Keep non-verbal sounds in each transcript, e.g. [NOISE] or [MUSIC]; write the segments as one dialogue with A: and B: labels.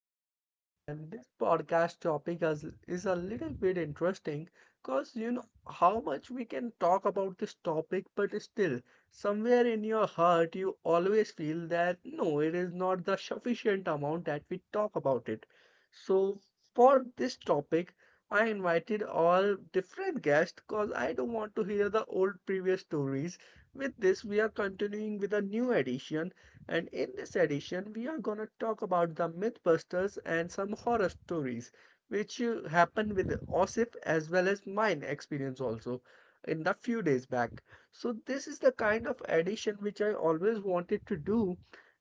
A: podcast. And this podcast topic is a little bit interesting because how much we can talk about this topic, but still, somewhere in your heart, you always feel that no, it is not the sufficient amount that we talk about it. So, for this topic, I invited all different guests because I don't want to hear the old previous stories. With this, we are continuing with a new edition, and in this edition, we are going to talk about the Mythbusters and some horror stories, which happened with Osif as well as mine experience also in the few days back. So, this is the kind of edition which I always wanted to do.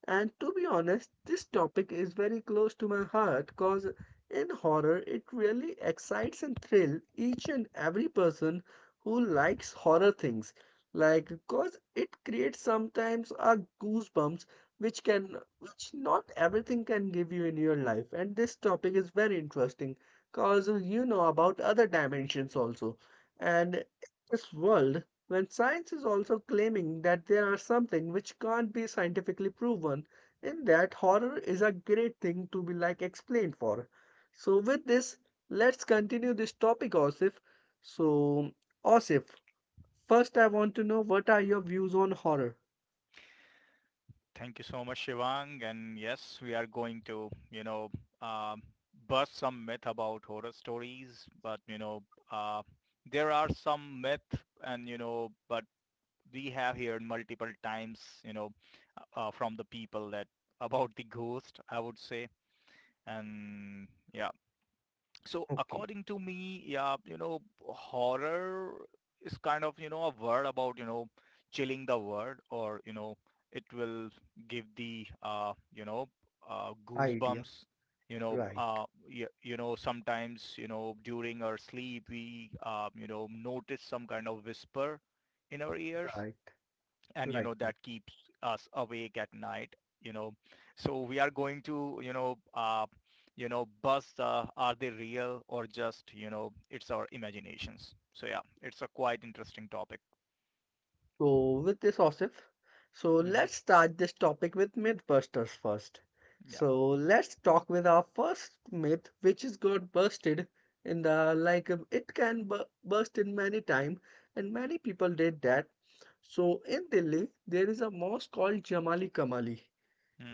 A: And to be honest, this topic is very close to my heart because in horror, it really excites and thrill each and every person who likes horror things like because it creates sometimes a goosebumps which can which not everything can give you in your life. And this topic is very interesting because you know about other dimensions also. And in this world, when science is also claiming that there are something which can't be scientifically proven, in that horror is a great thing to be like explained for. So with this, let's continue this topic, Osif. So, Osif, first I want to know, what are your views on horror?
B: Thank you so much, Shivang. And yes, we are going to, um, bust some myth about horror stories. But, uh, there are some myth and, but we have heard multiple times, from the people that about the ghost, I would say. And yeah, so
A: Okay.
B: according to me, yeah, horror is kind of, a word about, chilling the word or, it will give the,
A: Idea.
B: goosebumps,
A: Right.
B: sometimes, during our sleep, we notice some kind of whisper in our ears,
A: Right,
B: and
A: right. Right.
B: that keeps us awake at night. So we are going to, you know uh, buzz, are they real or just, it's our imaginations. So yeah, it's a quite interesting topic.
A: So, with this, Osif, so
B: Mm-hmm.
A: let's start this topic with Mythbusters first.
B: Yeah.
A: So, let's talk with our first myth, which is got busted in the like it can burst in many time, and many people did that. So, in Delhi, there is a mosque called Jamali Kamali.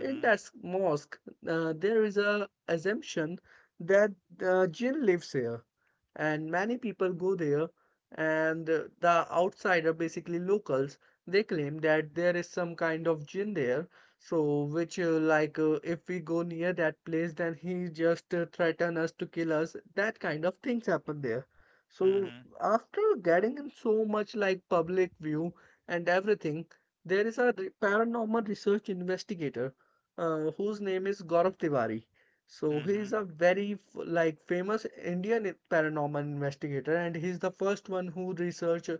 A: In that mosque, there is a assumption that the jinn lives here, and many people go there. And the outsider, basically locals, they claim that there is some kind of jinn there. So, which like if we go near that place, then he just threaten us to kill us. That kind of things happen there. So,
B: Mm-hmm.
A: after getting in so much like public view and everything, there is a paranormal research investigator whose name is Gaurav Tiwari. So he
B: Mm-hmm.
A: is a very like famous Indian paranormal investigator, and he's the first one who research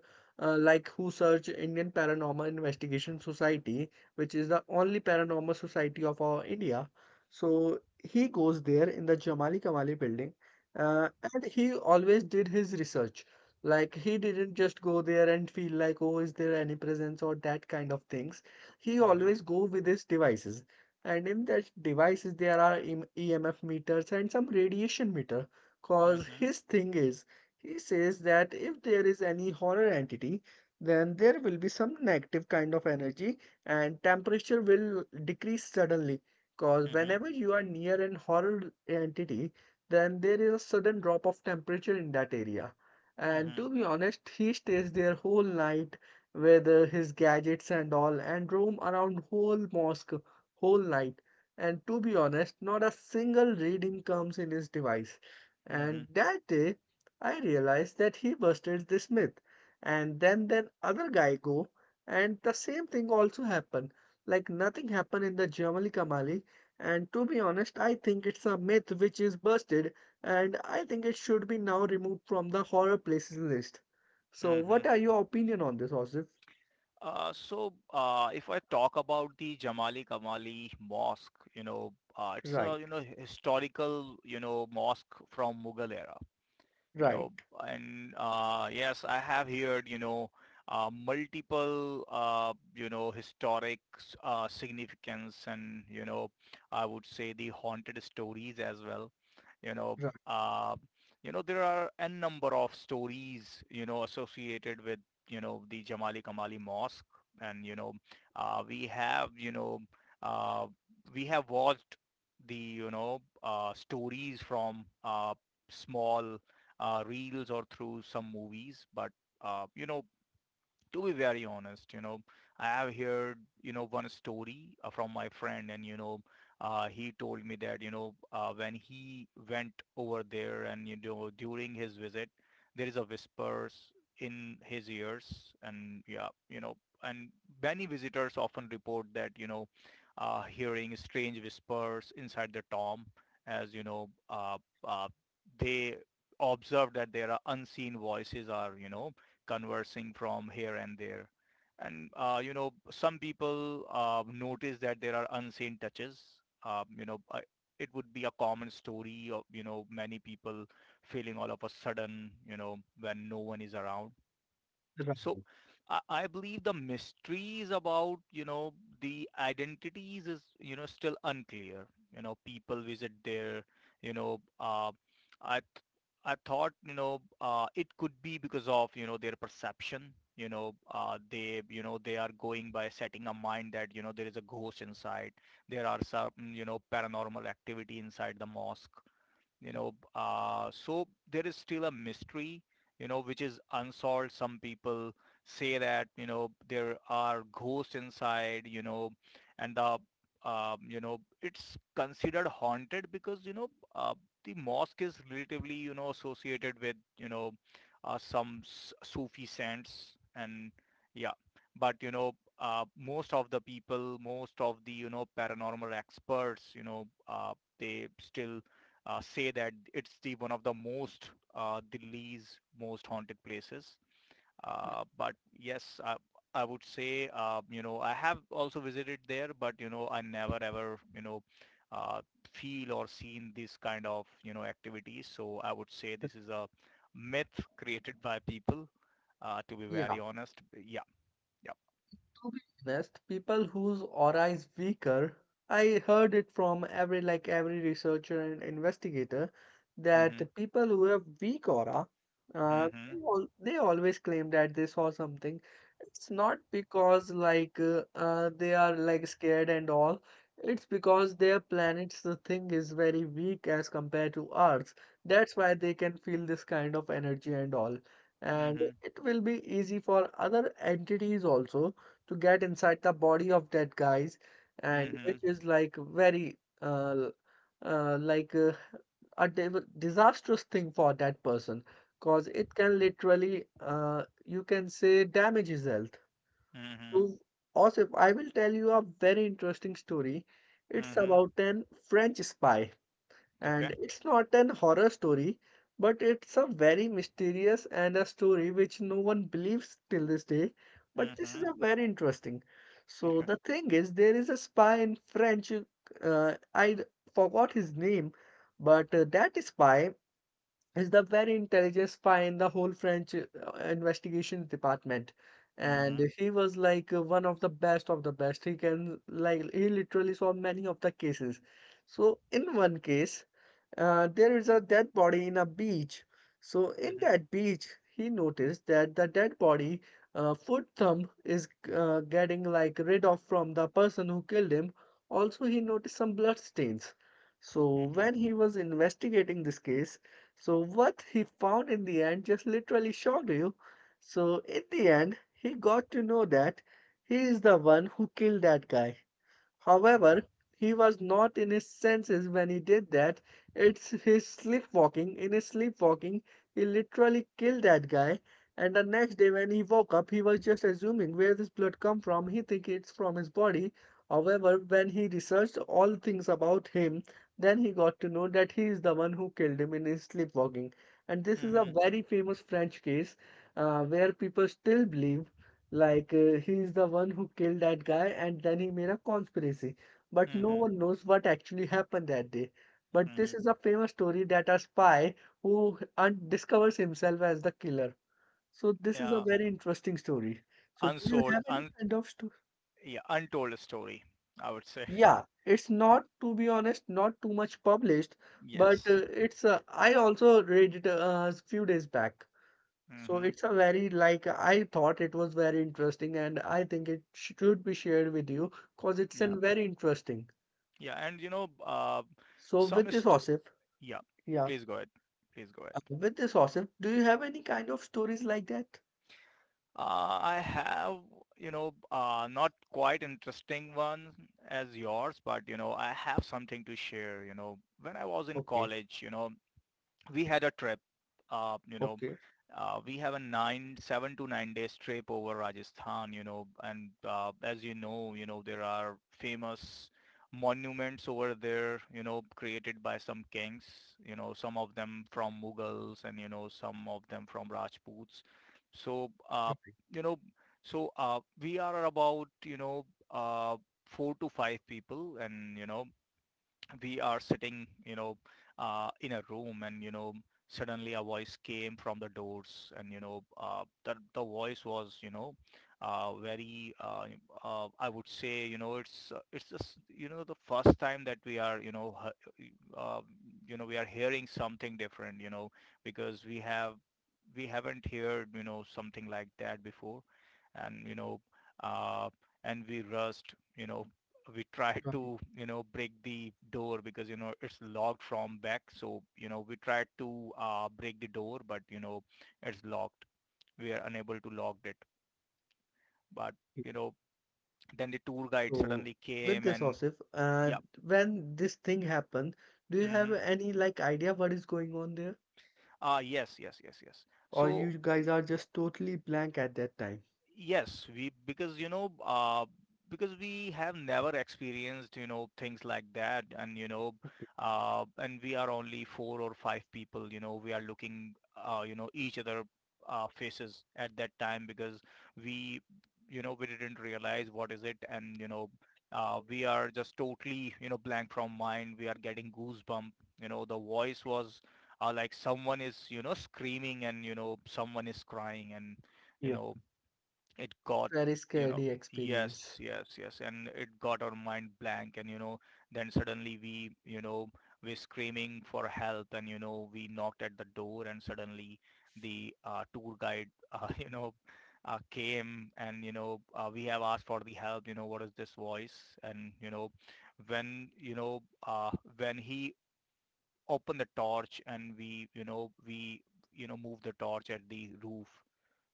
A: like who search Indian Paranormal Investigation Society, which is the only paranormal society of our India. So he goes there in the Jamali Kamali building, and he always did his research. Like he didn't just go there and feel like, oh, is there any presence or that kind of things. He
B: Mm-hmm.
A: always go with his devices, and in that devices there are emf meters and some radiation meter, cause
B: Mm-hmm.
A: his thing is he says that if there is any horror entity, then there will be some negative kind of energy and temperature will decrease suddenly, cause
B: Mm-hmm.
A: whenever you are near an horror entity, then there is a sudden drop of temperature in that area. And
B: Mm-hmm.
A: to be honest, he stays there whole night with his gadgets and all and roam around whole mosque whole night. And to be honest, not a single reading comes in his device. And
B: Mm-hmm.
A: that day, I realized that he busted this myth. And then other guy go, and the same thing also happened. Like nothing happened in the Jamali Kamali. And to be honest, I think it's a myth which is busted, and I think it should be now removed from the horror places list. So,
B: Mm-hmm.
A: what are your opinion on this, Osif?
B: If I talk about the Jamali Kamali Mosque, it's a
A: Right,
B: historical mosque from Mughal era, you
A: right,
B: know and yes, I have heard, multiple historic significance, and I would say the haunted stories as well. you know
A: right,
B: uh, there are a number of stories associated with the Jamali Kamali Mosque. And uh, we have you know uh, we have watched the, stories from, small, reels or through some movies. But uh, you know, to be very honest, I have heard, one story from my friend, and, he told me that, when he went over there and, during his visit, there is a whispers in his ears. And yeah, and many visitors often report that, hearing strange whispers inside the tomb, as, uh, they observe that there are unseen voices are, conversing from here and there. And, some people notice that there are unseen touches. Um, you know, uh, it would be a common story of, many people feeling all of a sudden, when no one is around. So
A: right.
B: I believe the mysteries about, the identities is, still unclear. You know, people visit there, you know, uh, I, th- I thought, it could be because of, their perception. They are going by setting a mind that, there is a ghost inside. There are some, paranormal activity inside the mosque. So there is still a mystery which is unsolved. Some people say that there are ghosts inside. And the you know it's considered haunted because, uh, the mosque is relatively associated with, some sufi saints. And yeah, but most of the people, most of the paranormal experts, they still say that it's the one of the most, the least most haunted places. But yes, I would say, I have also visited there, but I never ever, uh, feel or seen this kind of, activities. So I would say this is a myth created by people. To be
A: Yeah.
B: very honest, yeah, yeah.
A: Best people whose aura is weaker. I heard it from every like every researcher and investigator that the
B: Mhm,
A: people who have weak aura, they,
B: mhm,
A: they always claim that they saw something. It's not because like they are like scared and all. It's because their planets the thing is very weak as compared to earth. That's why they can feel this kind of energy and all, and
B: mhm,
A: it will be easy for other entities also to get inside the body of that guys, and which
B: mhm,
A: is like very like a disastrous thing for that person because it can literally you can say damage his health. So
B: mhm,
A: also I will tell you a very interesting story. It's
B: mhm.
A: about an French spy,
B: Okay.
A: and it's not an horror story, but it's a very mysterious and a story which no one believes till this day. But this is
B: Mhm.
A: a very interesting. So
B: Okay.
A: the thing is, there is a spy in French. I forgot his name, but that spy is the very intelligent spy in the whole French investigations department.
B: Mhm.
A: And he was like one of the best of the best. He can like he literally solve many of the cases. So in one case, there is a dead body in a beach. So in
B: Mhm.
A: that beach, he noticed that the dead body foot thumb is getting like rid of from the person who killed him. Also, he noticed some blood stains. So
B: Mhm.
A: when he was investigating this case, so what he found in the end just literally shocked you. So in the end, he got to know that he is the one who killed that guy.
B: Okay.
A: However, he was not in his senses when he did that. It's his sleepwalking. In his sleepwalking, he literally killed that guy. And the next day when he woke up, he was just assuming where this blood come from. He think it's from his body. However, when he researched all things about him, then he got to know that he is the one who killed him in his sleepwalking. And this is a
B: Mm-hmm.
A: very famous French case where people still believe like he is the one who killed that guy, and then he made a conspiracy. But no
B: Mm-hmm.
A: one knows what actually happened that day. But
B: Mm-hmm.
A: this is a famous story that a spy who un discovers himself as the killer. So this is a
B: Yeah.
A: very interesting story. So do you
B: Unsold.
A: have any
B: Un.
A: kind of story?
B: Yeah. Untold story, I would say.
A: Yeah, it's
B: [LAUGHS] Yeah.
A: not, to be honest, not too much published, but
B: Yes.
A: it's I also read it a few days back. So
B: Mm-hmm.
A: it's a very like I thought it was very interesting, and I think it should be shared with you because it's
B: Yeah.
A: an very interesting.
B: Yeah. And you know,
A: So
B: some
A: with this
B: is.
A: Osif,
B: Yeah.
A: yeah,
B: Please go ahead. Please go ahead.
A: with this Osif, do you have any kind of stories like that?
B: I have, not quite interesting one as yours, but I have something to share. You know, when I was in
A: Okay,
B: college, we had a trip. Uh, you know,
A: okay.
B: we have a 7 to 9 days trip over Rajasthan. You know, and as you know, there are famous monuments over there. You know, created by some kings. You know, some of them from Mughals, and some of them from Rajputs. So,
A: Perfect.
B: you know, we are about, uh, four to five people, and we are sitting, in a room, and, suddenly a voice came from the doors, and, the voice was, uh, very, uh, I would say, it's just, the first time that we are, uh, we are hearing something different, because we haven't heard, something like that before. And, uh, and we rushed, we tried
A: Right.
B: to break the door, because it's locked from back. So we tried to, break the door, but it's locked. We are unable to lock it. But
A: Yeah.
B: you know then the tour guide
A: So
B: suddenly
A: with
B: came,
A: this
B: and
A: Osif,
B: yeah.
A: when this thing happened, do you have
B: hmm
A: any like idea what is going on there?
B: yes, yes, yes, yes.
A: Or
B: So
A: you guys are just totally blank at that time?
B: yes, we, because because we have never experienced things like that, and
A: Okay.
B: and we are only four or five people. You know, we are looking, each other faces at that time, because we, we didn't realize what is it, and you know. We are just totally, blank from mind. We are getting goosebump. You know, the voice was, like someone is, screaming, and someone is crying, and you
A: Yeah.
B: know it
A: It's
B: got,
A: very
B: you know
A: scary experience.
B: yes, yes, yes. And it got our mind blank, and then suddenly we, we're screaming for help. And we knocked at the door, and suddenly the, tour guide, [LAUGHS] came, and we have asked for the help, what is this voice. And when you know uh, when he opened the torch, and we, moved the torch at the roof.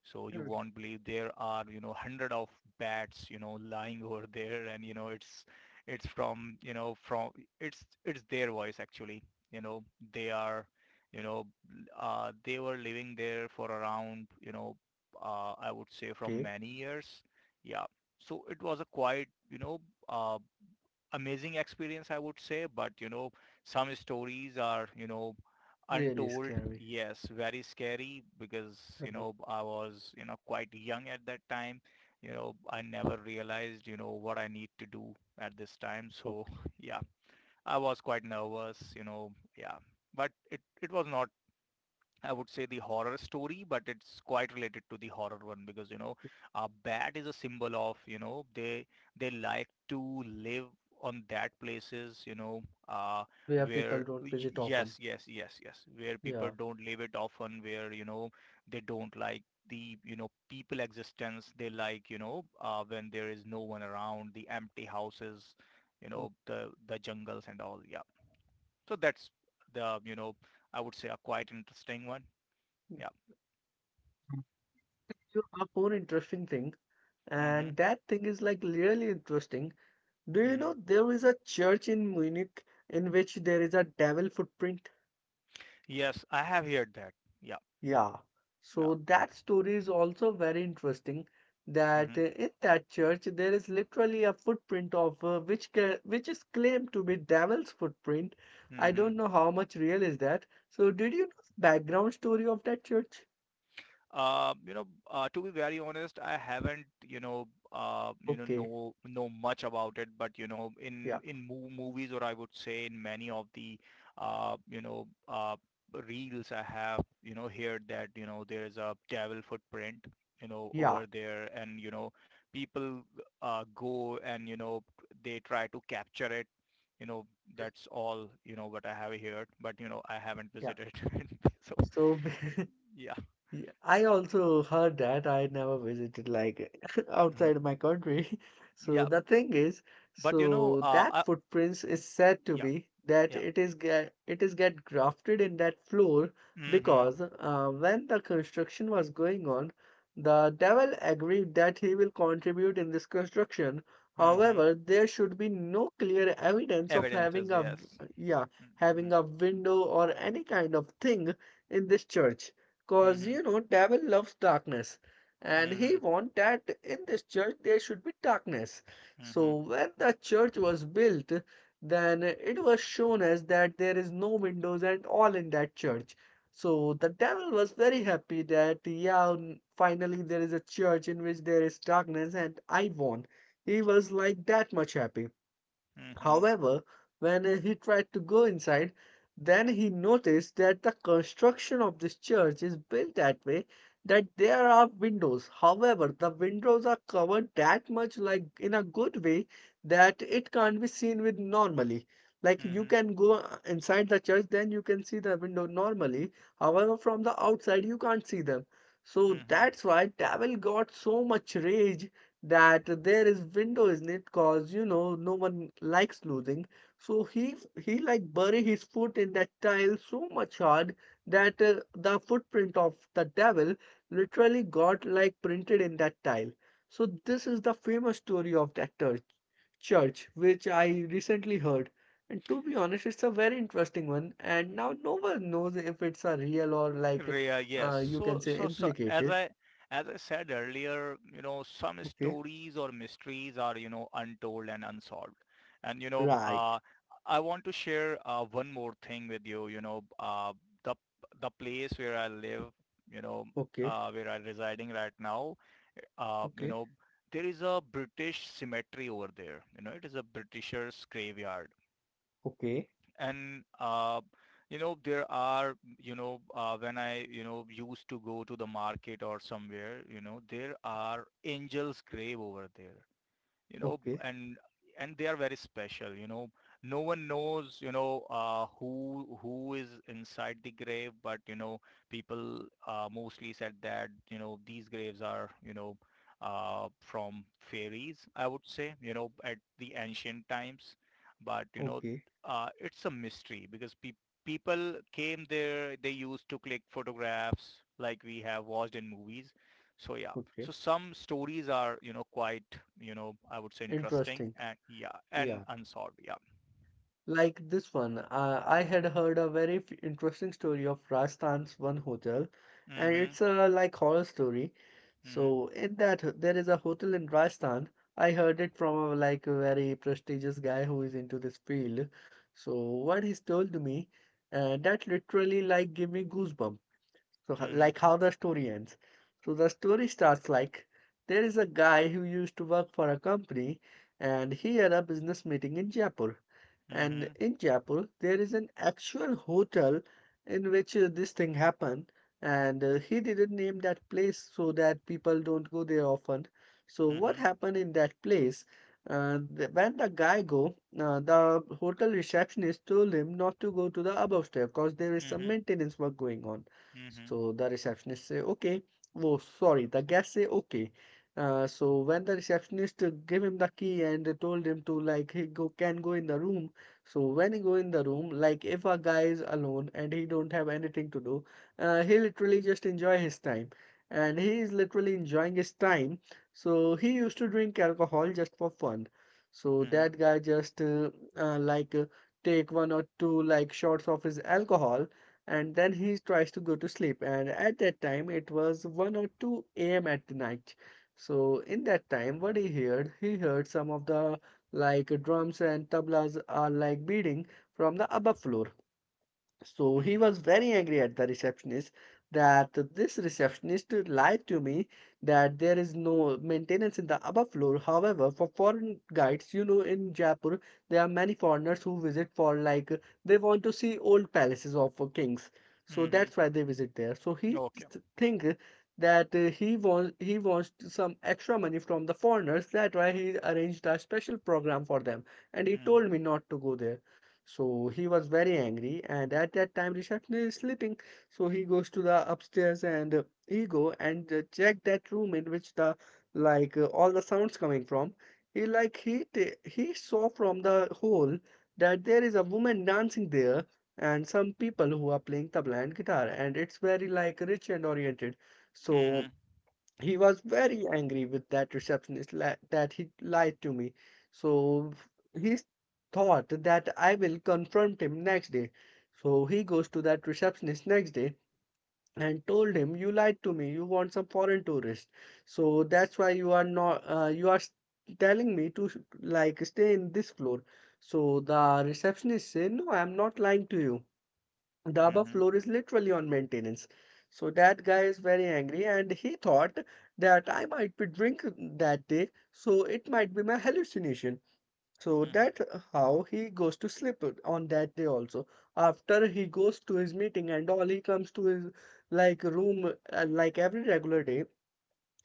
B: So you
A: Correct.
B: won't believe there are, hundred of bats, lying [LAUGHS] over there. And, it's from, it's their voice actually, you know, they are, you know, they were living there for around, I would say from
A: Okay.
B: many years. Yeah. So it was a quite, uh, amazing experience, I would say. But some stories are,
A: Really
B: untold.
A: scary.
B: Yes, very scary, because,
A: Right.
B: I was, quite young at that time. You know, I never realized, what I need to do at this time. So
A: Okay.
B: [LAUGHS] yeah, I was quite nervous, you know, yeah, but it was not, I would say, the horror story, but it's quite related to the horror one, because a bat is a symbol of, they like to live on that places, uh,
A: Where people don't visit often.
B: yes, yes, yes, yes, where people
A: Yeah.
B: don't live it often, where they don't like the you know people existence. They like, when there is no one around, the empty houses, the jungles and all. Yeah, so that's the, I would say, a quite interesting one.
A: Okay.
B: Yeah.
A: You have one interesting thing,
B: Mm-hmm.
A: and that thing is like really interesting. Do you
B: Mm-hmm.
A: know there is a church in Munich in which there is a devil footprint?
B: Yes, I have heard that. Yeah.
A: Yeah,
B: Yeah.
A: so that story is also very interesting that
B: Mm-hmm.
A: in that church there is literally a footprint of which which is claimed to be devil's footprint. I
B: Mm-hmm.
A: don't know how much real is that. So did you know the background story of that church?
B: To be very honest, I haven't,
A: Okay,
B: know much about it, but you know,
A: yeah,
B: in movies, or I would say in many of the, uh, you know, uh, reels, I have, heard that there is a devil footprint,
A: yeah,
B: over there, and people, go, and they try to capture it. You know, that's all, what I have heard, but I haven't
A: yeah.
B: visited, [LAUGHS] so
A: So [LAUGHS]
B: [LAUGHS] yeah.
A: yeah, I also heard that. I never visited like [LAUGHS]
B: Mm.
A: outside my country. [LAUGHS] So
B: Yeah.
A: the thing is,
B: But you know,
A: so
B: uh,
A: that
B: uh
A: footprints is said to
B: yeah,
A: be that
B: yeah.
A: it is get grafted in that floor
B: Mhm.
A: because when the construction was going on, the devil agreed that he will contribute in this construction.
B: Mhm.
A: However, there should be no clear evidence of having
B: Evidences,
A: a
B: yes.
A: yeah having
B: Mhm.
A: a window or any kind of thing in this church. Cause you
B: Mhm.
A: know, devil loves darkness, and he
B: Mhm.
A: want that in this church there should be darkness. So
B: Mhm.
A: when the church was built, then it was shown as that there is no windows and all in that church. So the devil was very happy that yeah, finally there is a church in which there is darkness and I won. He was like that much happy.
B: Mhm.
A: However, when he tried to go inside, then he noticed that the construction of this church is built that way that there are windows. However, the windows are covered that much, like in a good way, that it can't be seen with normally. Like you
B: Mhm.
A: can go inside the church, then you can see the window normally. However, from the outside, you can't see them. So
B: Mhm.
A: that's why Devil got so much rage that there is window, isn't it? Cause you know No one likes losing, so he like bury his foot in that tile so much hard that the footprint of the devil literally got like printed in that tile. So this is the famous story of that church which I recently heard. And to be honest, it's a very interesting one, and now no one knows if it's a real or like
B: Rhea, yes.
A: you can
B: So,
A: say
B: as
A: implicated.
B: as I said earlier, some
A: Okay.
B: stories or mysteries are, untold and unsolved. And,
A: Right.
B: I want to share one more thing with you. You know, the the place where I live, you know,
A: Okay.
B: where I'm residing right now, uh, you
A: Okay.
B: know, there is a British cemetery over there. It is a Britisher's graveyard,
A: Okay,
B: and there are when I used to go to the market or somewhere. There are angels' grave over there you know
A: okay,
B: and and they are very special. No one knows who is inside the grave, but people mostly said that these graves are from fairies, I would say, at the ancient times. But
A: okay,
B: it's a mystery because people came there. They used to click photographs like we have watched in movies. So yeah.
A: okay.
B: So some stories are quite, I would say, interesting.
A: Interesting.
B: And, yeah, and
A: Yeah.
B: unsolved. Yeah.
A: Like this one, I had heard a very f interesting story of Rajasthan's one hotel, and
B: Mhm.
A: it's a like horror story.
B: Mhm.
A: So in that, there is a hotel in Rajasthan. I heard it from a like a very prestigious guy who is into this field. So what he's told to me, that literally like gave me goosebumps. So, like how the story ends. So, the story starts like there is a guy who used to work for a company and he had a business meeting in Jaipur. And
B: Mhm.
A: in Jaipur, there is an actual hotel in which this thing happened. And he didn't name that place so that people don't go there often. So, what
B: Mhm.
A: happened in that place? When the guy go, the hotel receptionist told him not to go to the above step because there is some
B: Mhm.
A: maintenance work going on.
B: Mhm.
A: So the receptionist say, okay. Oh, sorry, the guest say, okay. So when the receptionist gave him the key and they told him to like he go can go in the room. So when he go in the room, like if a guy is alone and he don't have anything to do, he literally just enjoy his time. And he is literally enjoying his time. So he used to drink alcohol just for fun. So
B: Mhm.
A: that guy just uh, like uh, take one or two like shots of his alcohol, and then he tries to go to sleep. And at that time it was 1 or 2 a.m at the night. So in that time, what he heard, he heard some of the like drums and tablas are like beating from the above floor. So
B: Mhm.
A: he
B: Mhm.
A: was very angry at the receptionist that this receptionist lied to me, that there is no maintenance in the above floor. However, for foreign guides, you know, in Jaipur, there are many foreigners who visit for like they want to see old palaces of kings. So
B: Mhm.
A: that's why they visit there. So he
B: Okay.
A: think that he wants some extra money from the foreigners. That's why he arranged a special program for them. And he
B: Mhm.
A: told me not to go there. So he was very angry, and at that time Rishabh is sleeping. So he goes to the upstairs and he go and check that room in which the all the sounds coming from. He like he ta- he saw from the hole that there is a woman dancing there and some people who are playing tabla and guitar, and it's very like rich and oriented. So
B: Mhm.
A: he was very angry with that receptionist, that he lied to me. So he thought that I will confront him next day. So he goes to that receptionist next day and told him, "You lied to me. You want some foreign tourist. So that's why you are not. You are telling me to like stay in this floor." So the receptionist said, "No, I am not lying to you. The above
B: Mhm.
A: floor is literally on maintenance." So that guy is very angry and he thought that I might be drunk that day, so it might be my hallucination. So
B: Mhm.
A: that's how he goes to sleep on that day also. After he goes to his meeting and all, he comes to his like room like every regular day,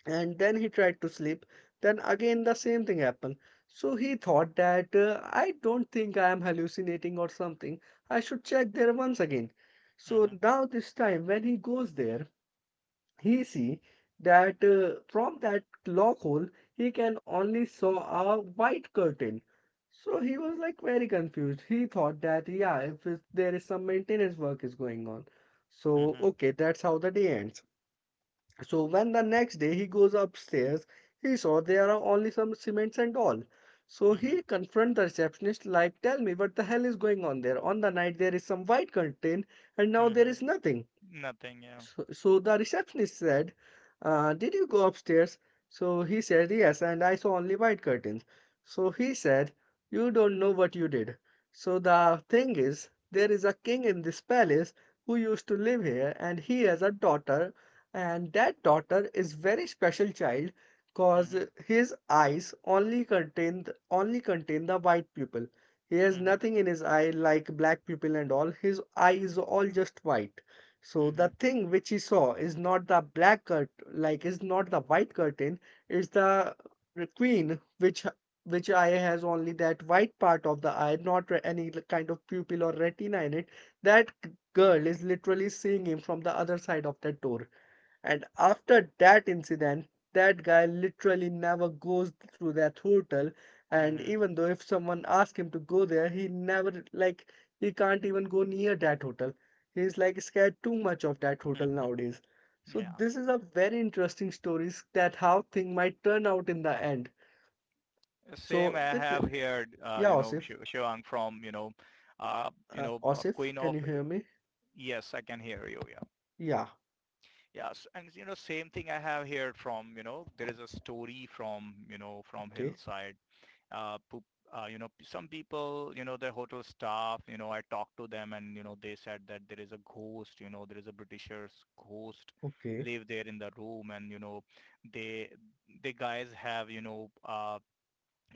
A: and then he tried to sleep. Then again the same thing happened. So he thought that I don't think I am hallucinating or something, I should check there once again. So
B: Mhm.
A: now this time when he goes there, he see that from that lock hole he can only saw a white curtain. So he was like very confused. He thought that, yeah, if it's, there is some maintenance work is going on. So
B: Mhm.
A: okay, that's how the day ends. So when the next day he goes upstairs, he saw there are only some cements and all. So
B: Mhm.
A: he confront the receptionist like, tell me what the hell is going on there. On the night there is some white contain and now there
B: Mhm.
A: is nothing.
B: Nothing, yeah.
A: So the receptionist said, did you go upstairs? So he said, yes, and I saw only white curtains. So he said, you don't know what you did. So the thing is, there is a king in this palace who used to live here, and he has a daughter, and that daughter is very special child because
B: Mhm.
A: his eyes only contain the white pupil. He has
B: Mhm.
A: nothing in his eye like black pupil and all. His eye is all just white. So the
B: Mhm.
A: thing which he saw is not the black curt like is not the white curtain, it's the queen which eye has only that white part of the eye, not any kind of pupil or retina in it. That girl is literally seeing him from the other side of that door. And after that incident, that guy literally never goes to that hotel. And
B: Mhm.
A: even though if someone asks him to go there, he never, like, he can't even go near that hotel. He's like scared too much of that hotel
B: [LAUGHS]
A: nowadays. So
B: Yeah.
A: this is a very interesting stories that how thing might turn out in the end.
B: Same,
A: So
B: I
A: with the-
B: have heard
A: yeah, Osif,
B: Shivang from a
A: Osif,
B: queen
A: can
B: of.
A: you hear me?
B: Yes, I can hear you. Yeah.
A: Yeah.
B: Yes. And, same thing I have here from, there is a story from, from
A: Okay.
B: Hillside. Poop, some people, their hotel staff, I talked to them, and they said that there is a ghost. There is a Britisher's ghost
A: Okay.
B: live there in the room, and, they, the guys have,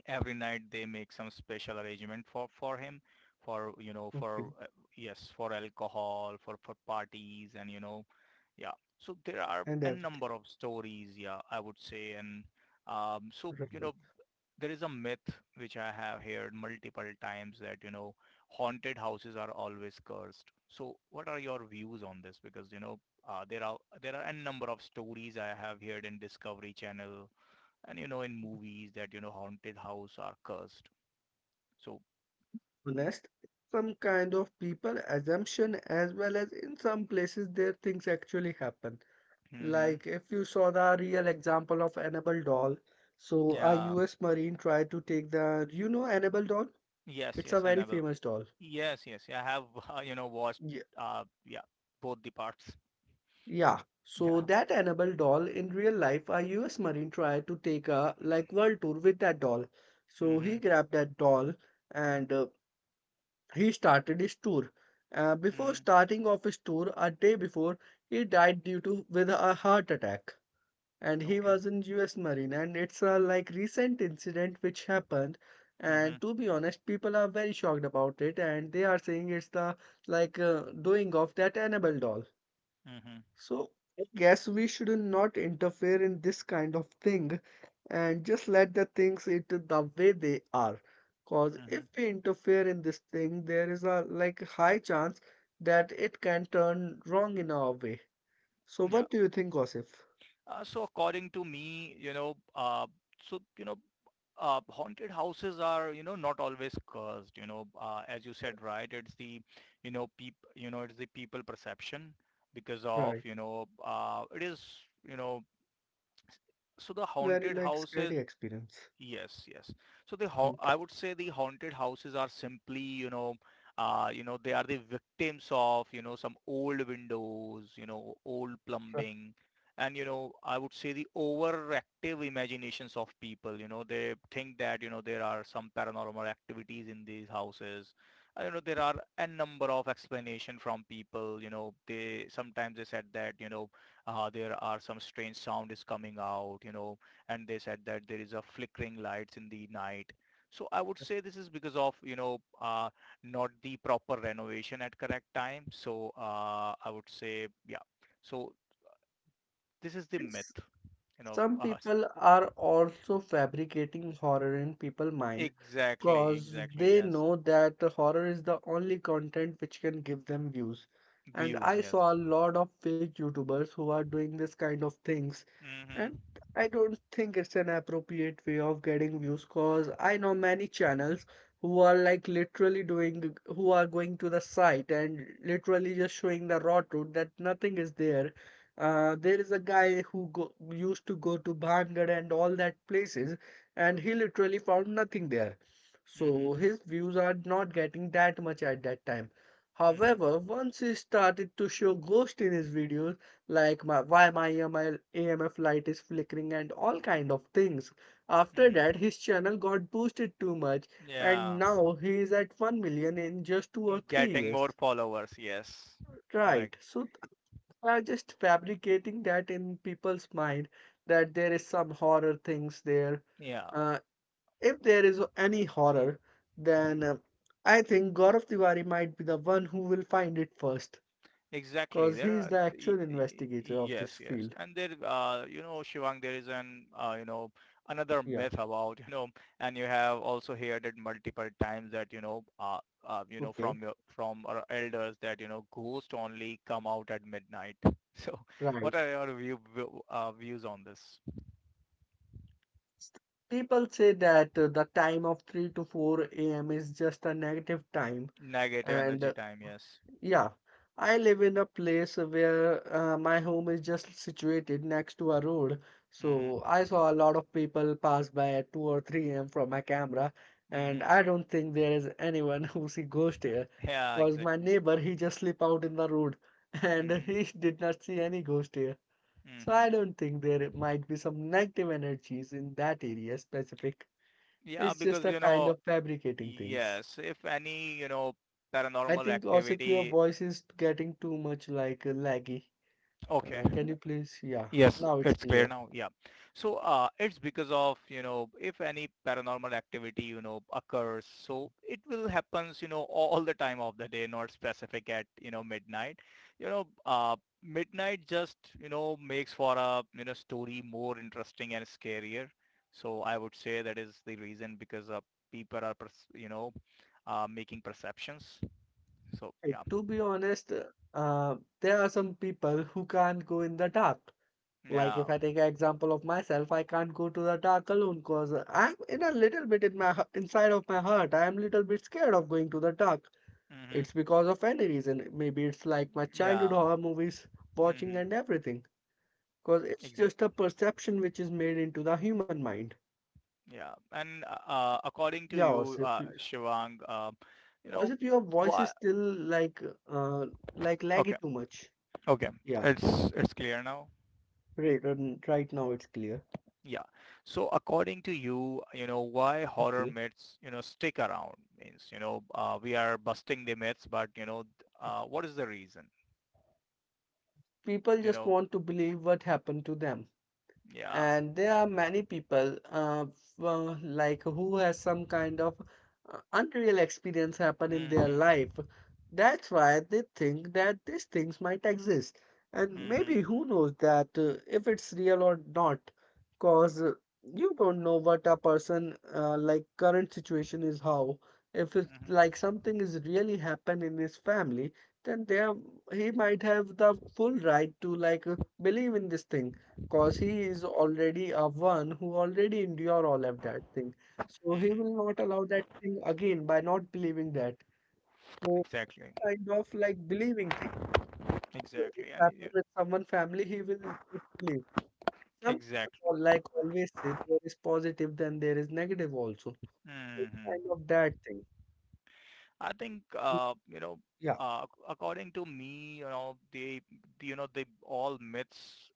B: every night they make some special arrangement for him, for
A: Okay.
B: for yes, for alcohol, for parties, and yeah. So there are
A: And
B: a
A: everything.
B: number of stories, yeah, I would say. And so
A: Right.
B: there is a myth which I have heard multiple times, that haunted houses are always cursed. So what are your views on this? Because there are a number of stories I have heard in Discovery Channel, and in movies, that haunted house are cursed. So.
A: Honest, some kind of people assumption as well as in some places there things actually happen.
B: Mm-hmm.
A: Like if you saw the real example of Annabelle doll, so a
B: Yeah.
A: US Marine tried to take the, you know, Annabelle doll.
B: Yes,
A: It's a
B: yes,
A: very
B: Annabelle.
A: famous doll.
B: Yes, yes. Yeah, I have, [LAUGHS] watched,
A: Yeah,
B: yeah, both the parts.
A: yeah.
B: [LAUGHS]
A: So
B: Yeah.
A: that Annabelle doll in real life, a US Marine tried to take a like world tour with that doll. So he
B: Mm-hmm.
A: grabbed that doll and he started his tour. Before
B: Mm-hmm.
A: starting off his tour, a day before, he died due to with a heart attack, and he
B: Okay.
A: was in U.S. Marine. And it's a like recent incident which happened,
B: Mm-hmm.
A: and to be honest, people are very shocked about it, and they are saying it's the like uh, doing of that Annabelle doll.
B: Mm-hmm.
A: So I guess we should not interfere in this kind of thing and just let the things it the way they are. Cause if
B: Mm-hmm.
A: we interfere in this thing, there is a like high chance that it can turn wrong in our way. So
B: Yeah.
A: what do you think, Osif?
B: So according to me, so haunted houses are not always cursed. As you said, right? It's the people perception, because of
A: Right.
B: it is. you know s- so the
A: Very
B: haunted
A: like
B: houses.
A: scary experience.
B: Yes, yes. So the
A: Hmm.
B: I would say the haunted houses are simply, they are the victims of some old windows, old
A: Right.
B: plumbing, and I would say, the overactive imaginations of people. They think that, there are some paranormal activities in these houses. There are a number of explanation from people. They sometimes they said that, there are some strange sound is coming out. And they said that there is a flickering lights in the night. So I would say this is because of, not the proper renovation at correct time. So I would say, yeah. So this is the
A: It's
B: myth, you know. [LAUGHS]
A: some
B: Uh,
A: people are also fabricating horror in people's mind
B: exactly,
A: because
B: exactly.
A: they
B: Yes,
A: know that the horror is the only content which can give them views. And
B: views.
A: I
B: Yes.
A: saw a lot of fake YouTubers who are doing this kind of things.
B: Mhm.
A: And I don't think it's an appropriate way of getting views because I know many channels who are like literally doing, who are going to the site and literally just showing the raw truth that nothing is there. There is a guy who go, used to go to Bhangad and all that places, and he literally found nothing there.
B: Mhm.
A: So his views are not getting that much at that time.
B: Mhm.
A: However, once he started to show ghost in his videos, like, my, why my AML, AMF light is flickering and all kind of things, after
B: Mhm.
A: that his channel got boosted too much, and
B: Yeah,
A: now he is at 1 million in just two or three
B: getting
A: years.
B: more followers. Yes, correct.
A: Right. So they are just fabricating that in people's mind that there is some horror things there.
B: Yeah.
A: Uh, if there is any horror,
B: Mhm.
A: then I think Gaurav Tiwari might be the one who will find it first,
B: Exactly.
A: because
B: There
A: he is
B: are
A: the actual investigator of
B: yes,
A: this
B: yes,
A: field.
B: and there, Shivang, there is an, another
A: Yeah.
B: myth about, and you have also heard it multiple times that,
A: Okay.
B: from your from our elders, that, ghosts only come out at midnight. [LAUGHS] So, what
A: Right.
B: are your views on this?
A: People say that the time of 3 to 4 a.m. is just a negative time,
B: Negative
A: and
B: energy time, yes.
A: yeah, I live in a place where my home is just situated next to a road.
B: Mm-hmm.
A: So I saw a lot of people pass by at 2 or 3 a.m from my camera, and
B: Mm-hmm.
A: I don't think there is anyone [LAUGHS] who see ghost here,
B: Yeah,
A: because my
B: exactly.
A: neighbor he just sleep out in the road [LAUGHS] and
B: Mm-hmm.
A: he did not see any ghost here. So
B: Mm-hmm.
A: I don't think there might be some negative energies in that area specific.
B: Yeah,
A: It's just
B: because
A: a kind of fabricating things.
B: yes, if any,
A: I
B: paranormal
A: think also your
B: activity. [LAUGHS]
A: voice is getting too much like laggy.
B: Okay.
A: Can you please? Yeah,
B: Yes,
A: now it's
B: it's clear
A: clear.
B: now. Yeah. So, it's because of, if any paranormal activity, occurs, so it will happens, all the time of the day, not specific at, midnight. You know, uh, midnight just, makes for a, story more interesting and scarier. So I would say that is the reason, because people are, making perceptions. So, yeah.
A: To be honest, uh, there are some people who can't go in the dark. Like
B: Yeah.
A: if I take an example of myself, I can't go to the dark alone because I'm in a little bit in my inside of my heart. I am little bit scared of going to the dark.
B: Hmm.
A: It's because of any reason. Maybe it's like my childhood
B: Yeah.
A: horror movies watching
B: Hmm.
A: and everything. Because it's
B: Exa-
A: just a perception which is made into the human mind.
B: yeah. And according to
A: Yeah,
B: you,
A: Osif,
B: Shivang, you
A: as
B: know
A: if your voice is
B: what?
A: still like uh like laggy
B: Okay.
A: too much.
B: Okay.
A: Yeah,
B: It's clear now.
A: right. Right now it's clear.
B: Yeah. So according to you, you know why horror
A: Okay,
B: myths, stick around, means we are busting the myths, but what is the reason?
A: people
B: You
A: just
B: know.
A: want to believe what happened to them,
B: Yeah.
A: and there are many people, well, like who has some kind of unreal experience happen in their
B: Hmm.
A: life. That's why they think that these things might exist, and
B: Hmm.
A: maybe who knows that, if it's real or not. Cause, you don't know what a person, like current situation is how. If it's
B: Hmm.
A: like something is really happened in his family, then there he might have the full right to like, believe in this thing. Cause he is already a one who already endure all of that thing. So he
B: Hmm.
A: will not allow that thing again by not believing that. So
B: Exactly.
A: kind of like believing thing. So
B: Exactly.
A: it's
B: And
A: happened with someone family, he will just believe. Some
B: exactly.
A: people, like always say there is positive, then there is negative also. So, it's
B: Hmm.
A: kind of that thing.
B: I think
A: So, yeah,
B: according to me, they all myths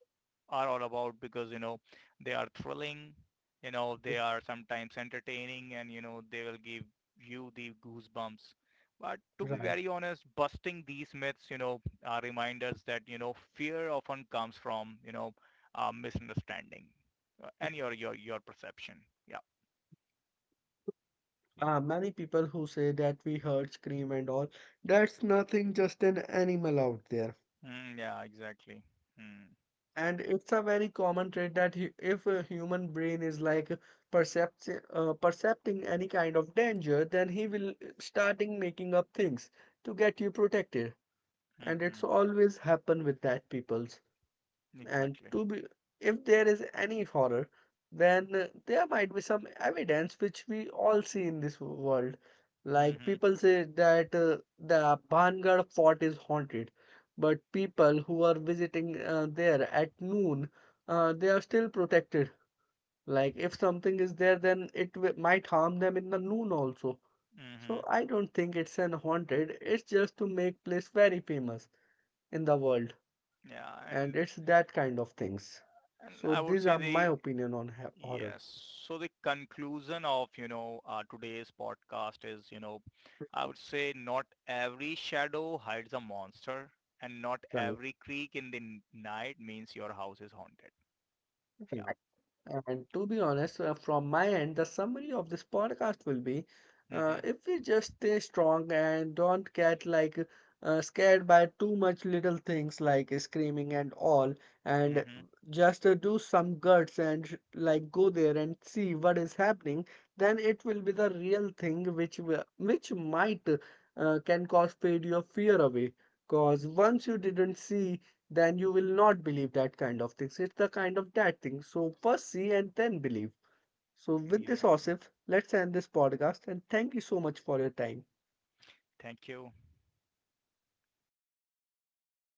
B: are all about, because they are thrilling, they
A: r-
B: are sometimes entertaining, and they will give you the goosebumps. But to be
A: right.
B: very honest, busting these myths, remind us that fear often comes from misunderstanding and your perception. Yeah.
A: Many people who say that we heard scream and all, that's nothing, just an animal out there.
B: Mm, yeah. Exactly. Mm.
A: And it's a very common trait that, if a human brain is like percepting any kind of danger, then he will, starting making up things to get you protected. And
B: Hmm.
A: it's always happen with that people. And
B: Exactly.
A: to be, if there is any horror, then there might be some evidence which we all see in this world. Like
B: Mhm.
A: people say that, the Bhangar fort is haunted, but people who are visiting there at noon, they are still protected. Like if something is there, then it w might harm them in the noon also. So
B: Hmm.
A: I don't think it's an haunted. It's just to make place very famous in the world,
B: Yeah,
A: and
B: and
A: it's that kind of things. So
B: I would
A: these
B: say
A: are my
B: the.
A: opinion on horror.
B: Yes. So the conclusion of, today's podcast is, I
A: Right,
B: would say, not every shadow hides a monster, and not
A: right,
B: every creak in the night means your house is haunted. Yeah.
A: right. And to be honest, from my end, the summary of this podcast will be
B: Hmm.
A: if we just stay strong and don't get like scared by too much little things like screaming and all, and
B: Hmm.
A: just do some guts and like go there and see what is happening, then it will be the real thing which which might can cause fade your fear away. Cause once you didn't see, then you will not believe that kind of things. It's the kind of that thing. So first see and then believe. So with this,
B: Exactly.
A: Osif, let's end this podcast, and thank you so much for your time.
B: Thank you.